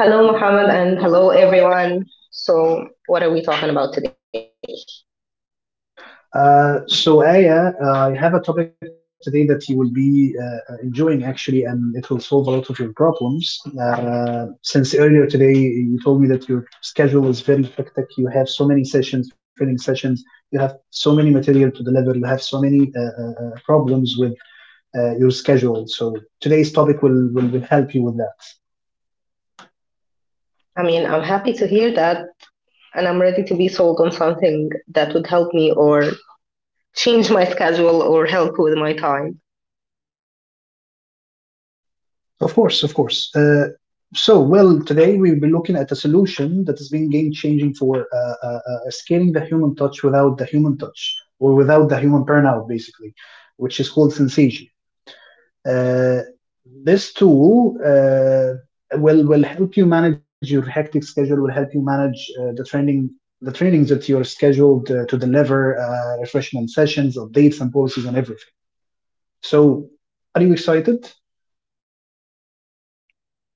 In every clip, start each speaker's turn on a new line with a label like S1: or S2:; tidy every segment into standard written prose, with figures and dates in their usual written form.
S1: Hello,
S2: Hello,
S1: Mohammed,
S2: Muhammad,
S1: and
S2: and
S1: hello,
S2: hello, everyone.
S1: everyone. So, what are we talking about today?
S2: So Aya, I have a topic today that you will be enjoying actually, and it will solve a lot of your problems. Since earlier today you told me that your schedule is very hectic, you have so many sessions, training sessions, you have so many material to deliver, you have so many problems with your schedule. So today's topic will help you with that. I mean,
S1: I
S2: I'm
S1: mean,
S2: happy
S1: I'm
S2: to hear.
S1: happy to hear that, and I'm ready to be sold on something that would help me or change my schedule or help with my time.
S2: Of course, of course. Well, today we will be looking at a solution that has been game changing for scaling the human touch without the human touch or without the human burnout, basically, which is called Sensation. Uh, this tool will help you manage your hectic schedule. Will help you manage the training the trainings that you're scheduled to deliver, refreshment sessions, updates, and policies, and everything. So, are you excited?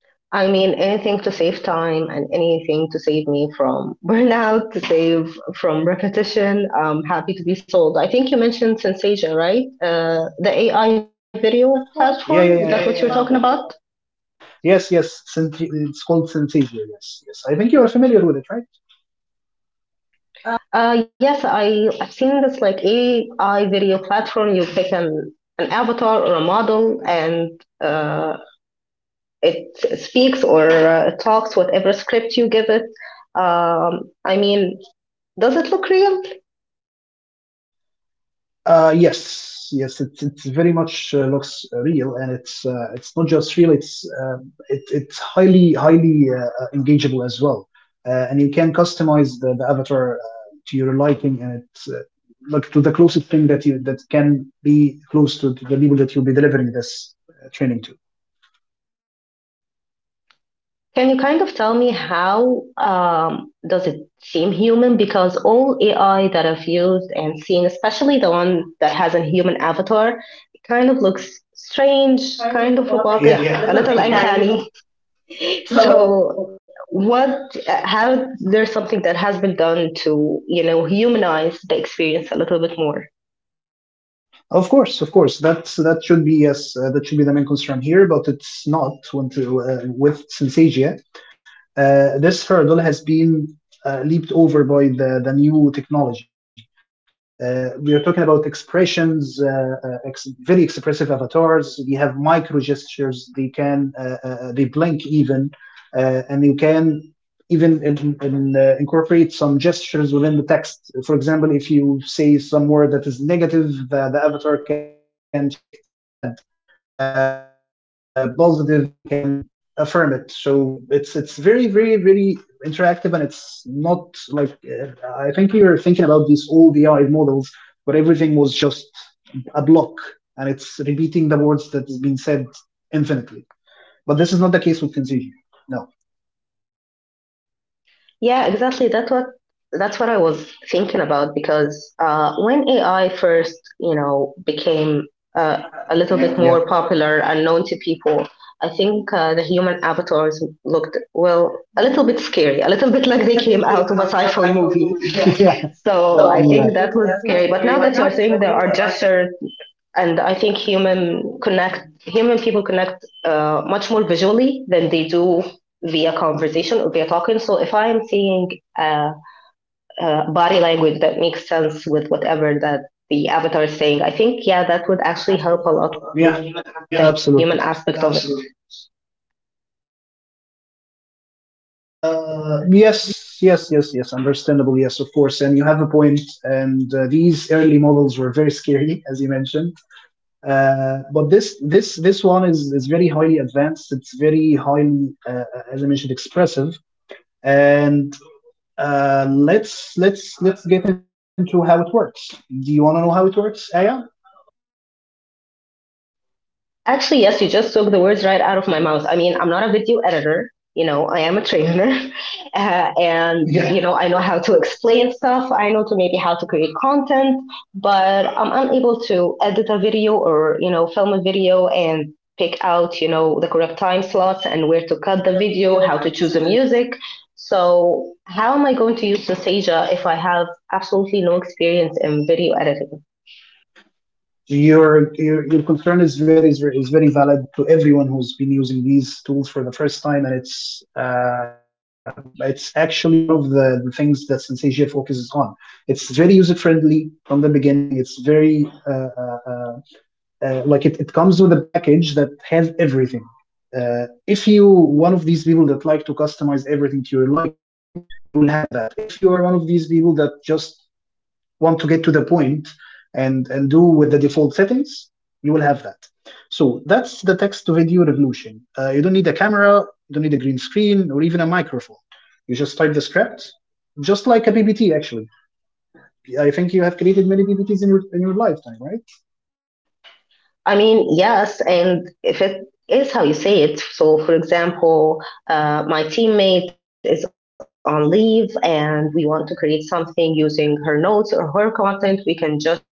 S1: I mean, anything to save time and anything to save me from burnout, to save from repetition. I'm happy to be sold. I think you mentioned Sensasia, right? The AI video platform.
S2: Platform,
S1: Is Yeah,
S2: yeah,
S1: that Yeah,
S2: yeah,
S1: what you're
S2: yeah.
S1: yeah. talking about?
S2: Yes, yes, it's called Synthesia. Yes, yes. I think you are familiar with it, right? Uh,
S1: Yes, I've seen this like AI video platform. You pick an avatar or a model, and uh, it speaks or talks whatever script you give it. I mean, does it look real?
S2: Yes, yes. It very much looks real, and it's not just real. It's highly engageable as well, and you can customize the avatar to your liking, and it's like to the closest thing that you that can be close to the people that you'll be delivering this training to.
S1: Can you kind of tell me how does it seem human? Because all AI that I've used and seen, especially the one that has a human avatar, it kind of looks strange,
S2: Kind of
S1: kind of
S2: about like, yeah,
S1: robotic, yeah,
S2: another
S1: a little
S2: mechanic.
S1: uncanny.
S2: So
S1: So, how, there's something that has been done to, you know, humanize the experience a little bit more.
S2: of course, of course. That's that should be, yes, that should be the main concern here, but it's not when to, with synesthesia. This hurdle has been leaped over by the new technology. We are talking about expressions, very expressive avatars. We have micro gestures. They can they blink even, and you can even incorporate some gestures within the text. For example, if you say some word that is negative, the avatar can shake its head. If it's positive, they can affirm it. So it's very interactive and it's not like, I think we were thinking about these old AI models where everything was just a block and it's repeating the words that has been said infinitely. But this is not the case with Tensiji. No.
S1: Yeah, exactly. That's what I was thinking about because when AI first, you know, became uh, a
S2: uh,
S1: little bit
S2: a little
S1: more
S2: yeah, more.
S1: popular and known to people, I think the human avatars looked, well, a little bit scary, a little bit like they came
S2: Like they
S1: out of a
S2: came
S1: sci
S2: out
S1: fi
S2: of a,
S1: movie.
S2: yeah.
S1: So I think
S2: So,
S1: that
S2: yeah. I
S1: was
S2: think
S1: scary.
S2: that
S1: But
S2: was
S1: now that you
S2: scary.
S1: are
S2: But now
S1: saying
S2: that
S1: there are
S2: you're saying the
S1: gestures
S2: art
S1: and I think human connect human people connect much more visually than they do via conversation or via talking. So if I'm seeing a, a body language that makes sense with whatever that the avatar is saying, I think yeah, that would actually
S2: would
S1: help a
S2: actually
S1: lot with yeah,
S2: help
S1: the
S2: a lot.
S1: human
S2: Yeah.
S1: aspect absolutely. Of
S2: Absolutely.
S1: it. Absolutely. Okay.
S2: Yes, yes, yes, yes. Understandable. Yes, of course. And you have a point. And these early models were very scary, as you mentioned. But this one is very highly advanced. It's very highly, as I mentioned, expressive. And let's get into how it works. Do you want to know how it works, Aya?
S1: Actually, yes, you just took the words right out of my mouth. I mean, I'm not a video editor, you know, I am a trainer. Yeah, you know,
S2: Yeah.
S1: I know how to explain stuff, I know to maybe how to create content, but I'm unable to edit a video or, you know, film a video and pick out, you know, the correct time slots and where to cut the video, how to choose the music. So, how am I going to use Synthesia if I have absolutely no experience in video editing?
S2: Your concern is very valid to everyone who's been using these tools for the first time, and it's actually one of the things that Sensasia focuses on. It's very user friendly from the beginning. It's very uh, uh, like it comes with a package that has everything. If you one of these people that like to customize everything to your liking, you will have that. If you are one of these people that just want to get to the point and do with the default settings, you will have that. So that's the text to video revolution. You don't need a camera, you don't need a green screen, or even a microphone. You just type the script, just like a PPT, actually. I think you have created many PPTs in your lifetime, right?
S1: I mean, yes, and if it is how you say it. So, for example, my teammate is on leave and we want to create something using her notes or her content, we can just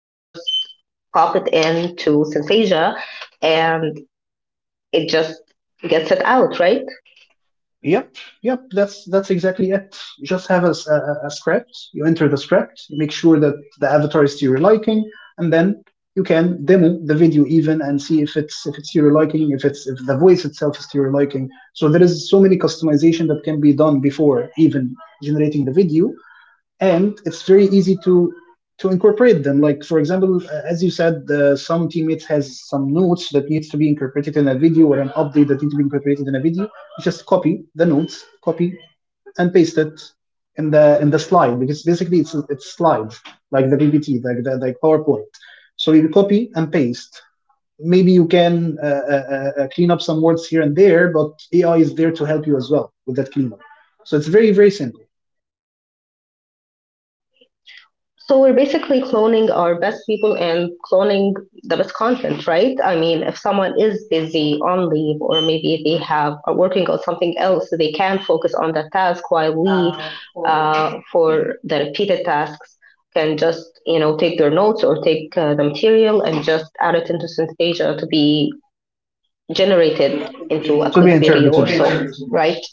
S1: pop it into Synthesia and it just gets it out, right?
S2: Yep, yep. That's exactly it. You just have a script. You enter the script. You make sure that the avatar is to your liking, and then you can demo the video even and see if it's to your liking, if the voice itself is to your liking. So there is so many customization that can be done before even generating the video, and it's very easy to incorporate them. Like for example, as you said, some teammates has some notes that needs to be incorporated in a video or an update that needs to be incorporated in a video. You just copy the notes, copy and paste it in the slide because basically it's slides like the PPT, like the like PowerPoint. So you copy and paste. Maybe you can clean up some words here and there, but AI is there to help you as well with that cleanup. So it's very very simple.
S1: So we're basically cloning our best people and cloning the best content, right? I mean, if someone is busy on leave or maybe they have are working on something else, they can focus on that task while we,
S2: Or
S1: for the repeated tasks, can just you know take their notes or take the material and just add it into Synthesia to be generated into
S2: to
S1: a
S2: be
S1: quick
S2: interpreted.
S1: video or
S2: Yes.
S1: so, right?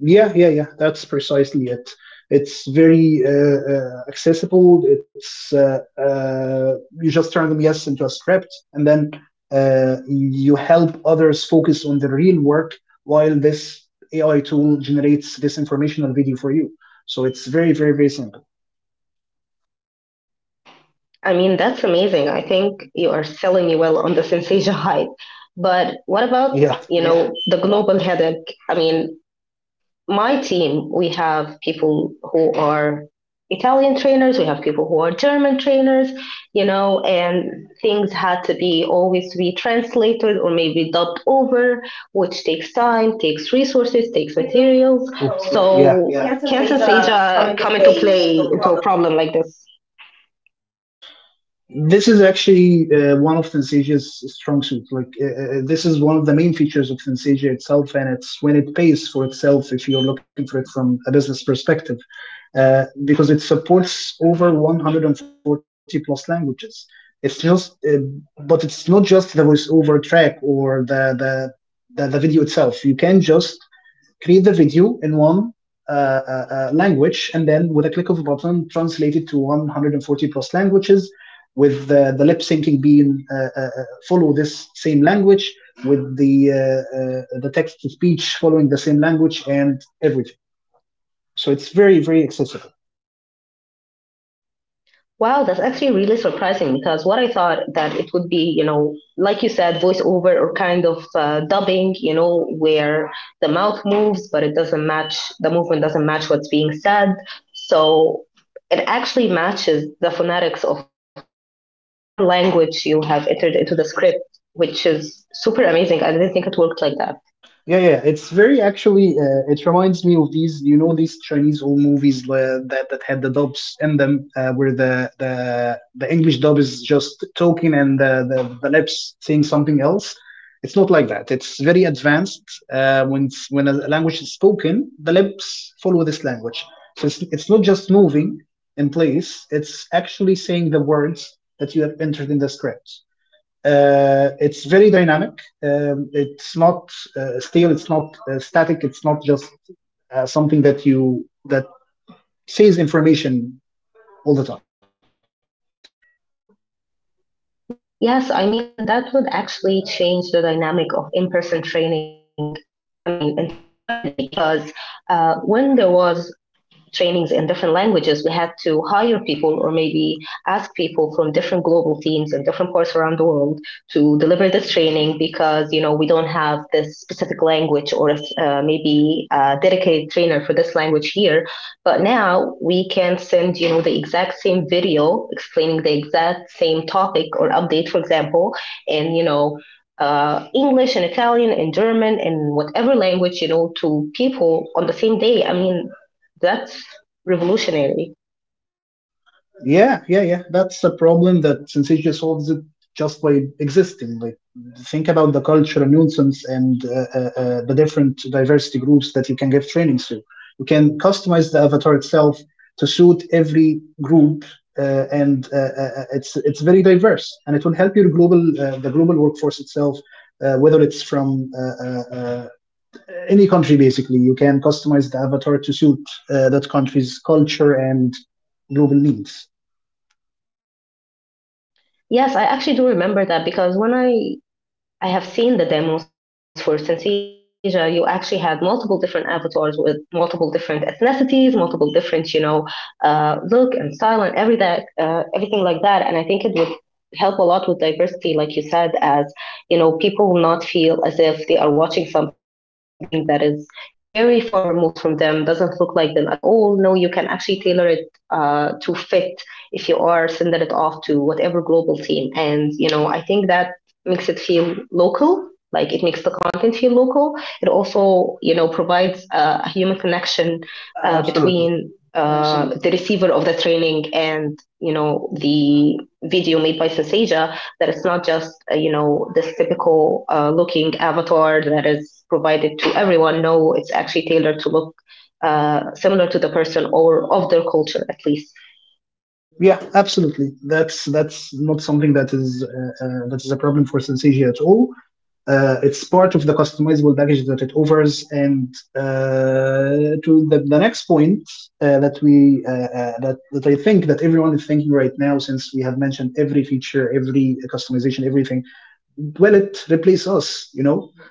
S2: Yeah, yeah, yeah. That's precisely it. It's very accessible. It's You just turn them, yes, into a script, and then you help others focus on the real work while this AI tool generates this informational video for you. So it's very, very, very simple.
S1: I mean, that's amazing. I think you are selling me well on the Synthesia hype. But what about,
S2: Yeah.
S1: you yeah. know, the global headache? I mean, my team, we have people who are Italian trainers, we have people who are German trainers, you know, and things had to be always be translated or maybe dubbed over, which takes time, takes resources, takes materials.
S2: Oof. So, yeah.
S1: So yeah,
S2: Cancer
S1: can
S2: data come
S1: Synthesia
S2: into
S1: come into
S2: play
S1: play into a
S2: from.
S1: problem like this?
S2: This is actually one of Thanesia's strong suits. Like this is one of the main features of Thansesia itself, and it's when it pays for itself if you're looking for it from a business perspective, because it supports over 140 plus languages. It's just, but it's not just the voiceover track or the, video itself. You can just create the video in one language, and then with a click of a button, translate it to 140 plus languages, with the lip syncing being follow this same language, with the text to speech following the same language, and everything. So it's very very accessible.
S1: Wow, that's actually really surprising because what I thought that it would be, you know, like you said, voiceover or kind of dubbing, you know, where the mouth moves, but it doesn't match, the movement doesn't match what's being said. So it actually matches the phonetics of whatever language you have entered into the script, which is super amazing. I didn't think it worked like that.
S2: Yeah, yeah, it's very actually. It reminds me of these, you know, these Chinese old movies that that had the dubs in them, where the English dub is just talking and the, lips saying something else. It's not like that. It's very advanced. When when a language is spoken, the lips follow this language. So it's not just moving in place. It's actually saying the words that you have entered in the script. It's very dynamic. It's not stale. It's not static. It's not just something that you that says information all the time.
S1: Yes, I mean, that would actually change the dynamic of in person training. I mean, entirely because when there was trainings in different languages, we had to hire people or maybe ask people from different global teams and different parts around the world to deliver this training because you know we don't have this specific language or maybe a dedicated trainer for this language here. But now we can send you know the exact same video explaining the exact same topic or update, for example, in you know English and Italian and German and whatever language, you know, to people on the same day. I mean, that's revolutionary.
S2: Yeah, yeah, yeah. That's a problem that Syncytia solves it just by existing. Like, think about the cultural nuisance and the different diversity groups that you can give trainings to. You can customize the avatar itself to suit every group, and it's very diverse, and it will help your global the global workforce itself. Whether it's from uh, any country, basically, you can customize the avatar to suit that country's culture and global needs.
S1: Yes, I actually do remember that because when I have seen the demos for Synthesia. You actually had multiple different avatars with multiple different ethnicities, multiple different, you know, look and style and every everything like that. And I think it would help a lot with diversity, like you said, as you know, people will not feel as if they are watching something that is very far removed from them, doesn't look like them at all. No, you can actually tailor it to fit if you are sending it off to whatever global team. And you know, I think that makes it feel local like it makes the content feel local it also you know provides a human connection
S2: Absolutely.
S1: between the receiver of the training and you know the video made by Sensasia that it's not just you know this typical looking avatar that is provided to everyone. No, it's actually tailored to look similar to the person or of their culture at least.
S2: Yeah, absolutely. That's not something that is a problem for synesthesia at all. It's part of the customizable package that it offers, and uh, to the next point uh, that we that I think that everyone is thinking right now, since we have mentioned every feature, every customization, everything. Well, it replaces us, you know.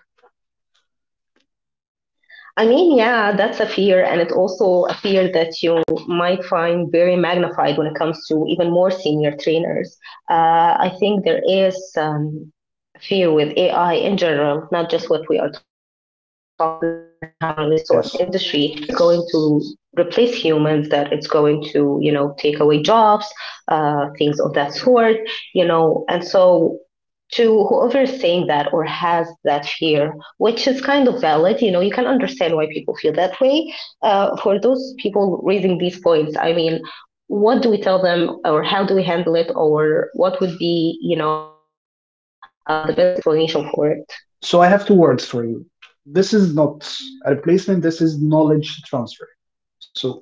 S1: I mean, yeah, that's a fear, and it's also a fear that you might find very magnified when it comes to even more senior trainers. I think there is fear with AI in general, not just what we are talking about and how really so an
S2: Yes,
S1: industry that is yes, going to replace humans, that it's going to, you know, take away jobs, things of that sort, you know. And so to whoever is saying that or has that fear, which is kind of valid. You know, you can understand why people feel that way. For those people raising these points, I mean, what do we tell them, or how do we handle it, or what would be, you know, the best explanation for it?
S2: so I have two words for you. This is not a replacement, this is knowledge transfer. So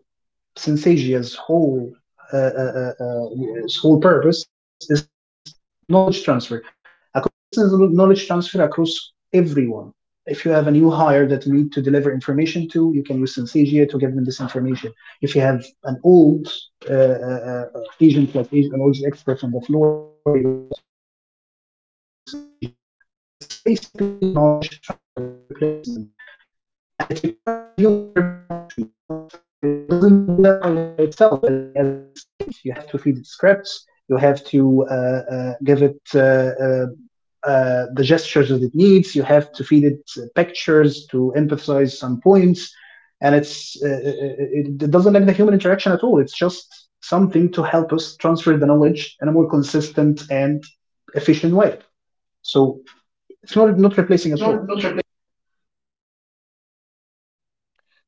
S2: Synthasia's whole uh, uh, uh, uh, its whole purpose is knowledge transfer, a consistent knowledge transfer across everyone. If you have a new hire that you need to deliver information to, you can use Synthesia to give them this information. If you have an old agent, like an old expert on the floor, you have to deliver an update to, you can use Synthesia. So it's basically knowledge transfer, not replacement, and it requires the human intervention. Actually, it's not it doesn't do all that by itself. As we as we explained, you have to feed it scripts. You have to give it the gestures that it needs. You have to feed it pictures to emphasize some points, and it doesn't lack the human interaction at all. It's just something to help us transfer the knowledge in a more consistent and efficient way. So it's not replacing
S1: It's
S2: at all.
S1: not, not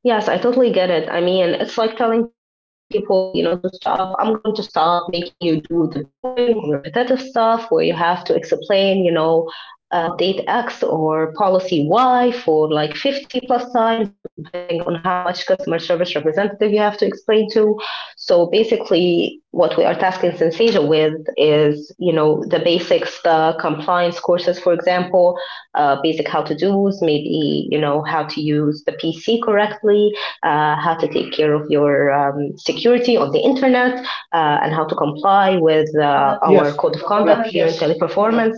S1: yes, I totally get it. I mean, it's like telling people, you know, to stop. I'm going to stop making you do the boring, repetitive stuff where you have to explain, you know, update X or policy Y for like 50 plus times, depending on how much customer service representative you have to explain to. So basically, what we are tasking Sensasia with is, you know, the basics, the compliance courses, for example, basic how to do's, maybe, you know, how to use the PC correctly how to take care of your security on the internet, and how to comply with
S2: On that, yes,
S1: our
S2: it's
S1: code of
S2: a
S1: conduct
S2: format.
S1: here yes. in teleperformance.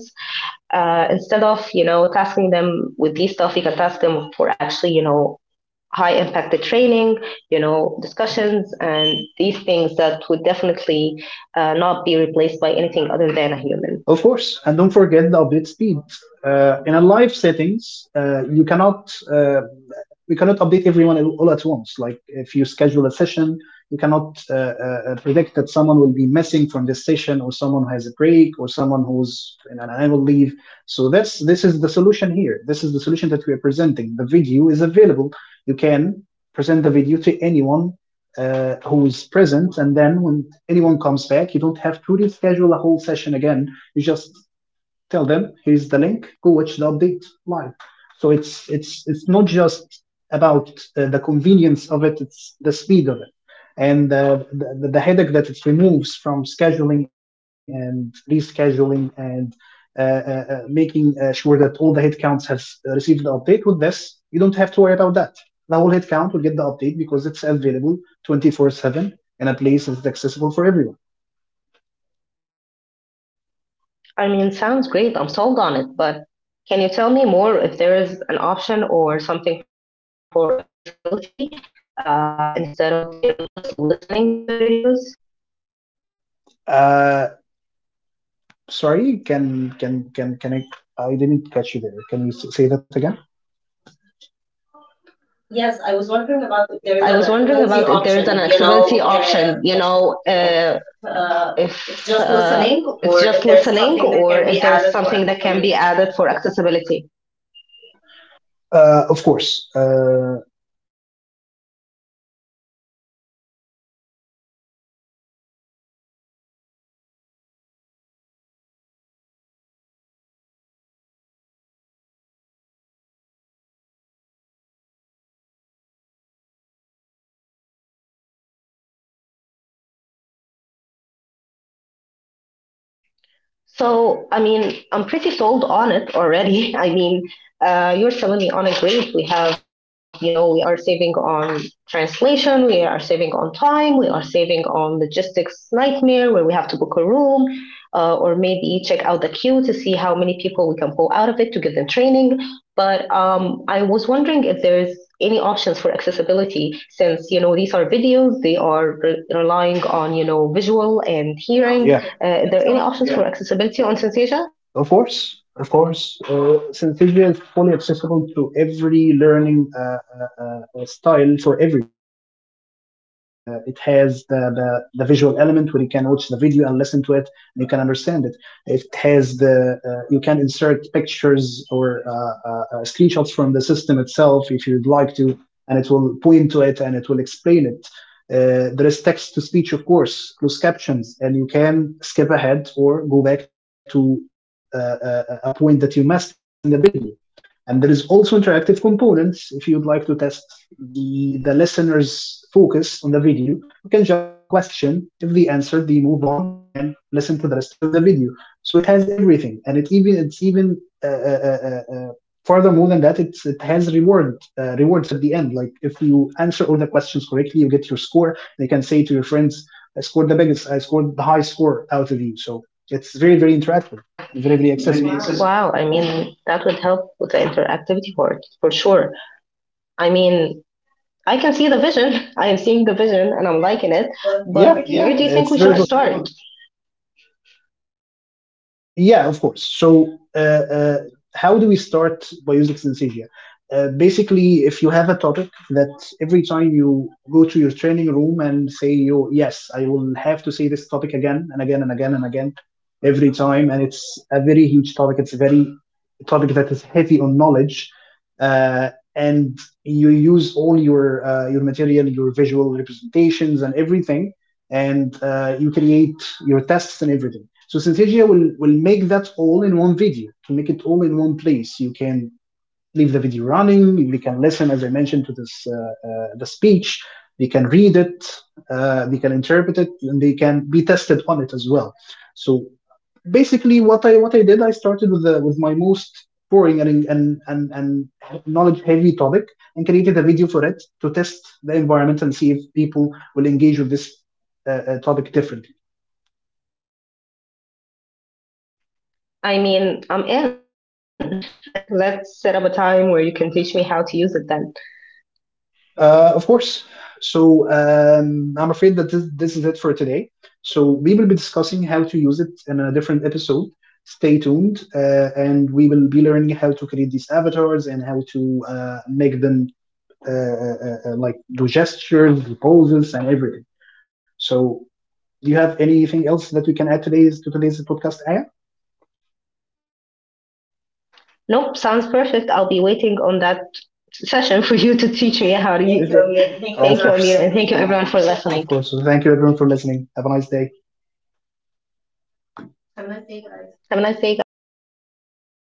S1: Instead of you know tasking them with these stuff, you can task them for actually you know high impacted training, you know discussions, and these things that would definitely not be replaced by anything other than a human.
S2: Of course, and don't forget the update speed. In a live settings, you cannot we cannot update everyone all at once. Like if you schedule a session, you cannot predict that someone will be missing from this session, or someone who has a break, or someone who's in an annual leave. So that's this is the solution here. This is the solution that we are presenting. The video is available. You can present the video to anyone who is present, and then when anyone comes back, you don't have to reschedule a whole session again. You just tell them, here's the link, go watch the update live. So it's not just about the convenience of it; it's the speed of it, and the headache that it removes from scheduling and rescheduling and making sure that all the headcounts have received the update. With this, you don't have to worry about that. The whole headcount will get the update because it's available 24/7, in a place that's accessible for everyone.
S1: I mean, sounds great. I'm sold on it, but can you tell me more if there is an option or something for accessibility instead of, you know, just listening to the videos?
S2: Uh, Sorry, can I? I didn't catch you there. Can you say that again? Yes, I was wondering about if
S1: Yes,
S2: there is
S1: I
S2: an
S1: was wondering
S2: accessibility
S1: about if there is an
S2: option, you
S1: accessibility
S2: know,
S1: option, you know,
S2: if
S1: uh,
S2: uh,
S1: if
S2: it's just
S1: uh,
S2: listening
S1: it's
S2: or if
S1: just
S2: there's
S1: listening
S2: something that
S1: or
S2: can be
S1: if there's
S2: added for
S1: something that can be
S2: accessibility.
S1: added for accessibility.
S2: Of course.
S1: So, I mean, I'm pretty sold on it already. I mean, you're selling me on a great. We have, you know, we are saving on translation, we are saving on time, we are saving on logistics nightmare where we have to book a room, or maybe check out the queue to see how many people we can pull out of it to give them training. But I was wondering if there's any options for accessibility since, you know, these are videos, they are relying on, you know, visual and
S2: Any option,
S1: hearing
S2: yeah, for
S1: are there any
S2: accessibility.
S1: options yeah. for accessibility on Synthesia?
S2: Of course, of course. Synthesia is fully accessible to every learning style for everyone. It has the visual element where you can watch the video and listen to it and you can understand it. It has the, you can insert pictures or screenshots from the system itself if you'd like to, and it will point to it and it will explain it. There is text to speech, of course, closed captions, and you can skip ahead or go back to a point that you missed in the video. And there is also interactive components. If you'd like to test the listener's focus on the video, you can just give them a question. If they answer, they move on and listen to the rest of the video. So it has everything, and it's even uh, uh, furthermore than that, it has reward rewards at the end. Like if you answer all the questions correctly, you get your score. They can say to your friends, I scored the biggest, I scored the high score out of you. So it's very, very interactive
S1: Yeah,
S2: and very, very
S1: really
S2: accessible. Wow.
S1: accessible. Wow, I mean that would help with the interactivity part for sure. I mean I can see the vision. I am seeing the vision and I'm liking it.
S2: Well, yeah,
S1: But
S2: where do you
S1: yeah, where
S2: think
S1: do
S2: we
S1: you think
S2: it's
S1: we
S2: very
S1: should
S2: good.
S1: start?
S2: Yeah, of course. So, how do we start Biosix in Sagia? Basically, if you have a topic that every time you go to your training room and say, "You yes, I will have to say this topic again and again and again and again," every time, and it's a very huge topic. It's a very topic that is heavy on knowledge, and you use all your material, your visual representations, and everything, and you create your tests and everything. So Synthesia will make that all in one video, to make it all in one place. You can leave the video running, we can listen, as I mentioned, to this the speech, they can read it, they can interpret it, and they can be tested on it as well. So basically what I did, I started with with my most boring and knowledge heavy topic, and created a video for it to test the environment and see if people will engage with this topic differently.
S1: I mean, I'm in. Let's set up a time where you can teach me how to use it then.
S2: Of course. So I'm afraid that this is it for today. So we will be discussing how to use it in a different episode. Stay tuned, and we will be learning how to create these avatars and how to make them like the gestures, the poses, and everything. So, do you have anything else that we can add today's to today's podcast, Aya?
S1: Nope, sounds perfect. I'll be waiting on that session for you to teach me how to
S2: Thank you,
S1: use it.
S2: Amir. Thank you, Of everyone, for
S1: Thank you,
S2: course,
S1: Amir, and
S2: listening.
S1: thank you everyone for
S2: Of
S1: listening.
S2: course. So thank you everyone for listening. Have a nice day. Have a nice day, guys.
S1: Have a nice day, guys.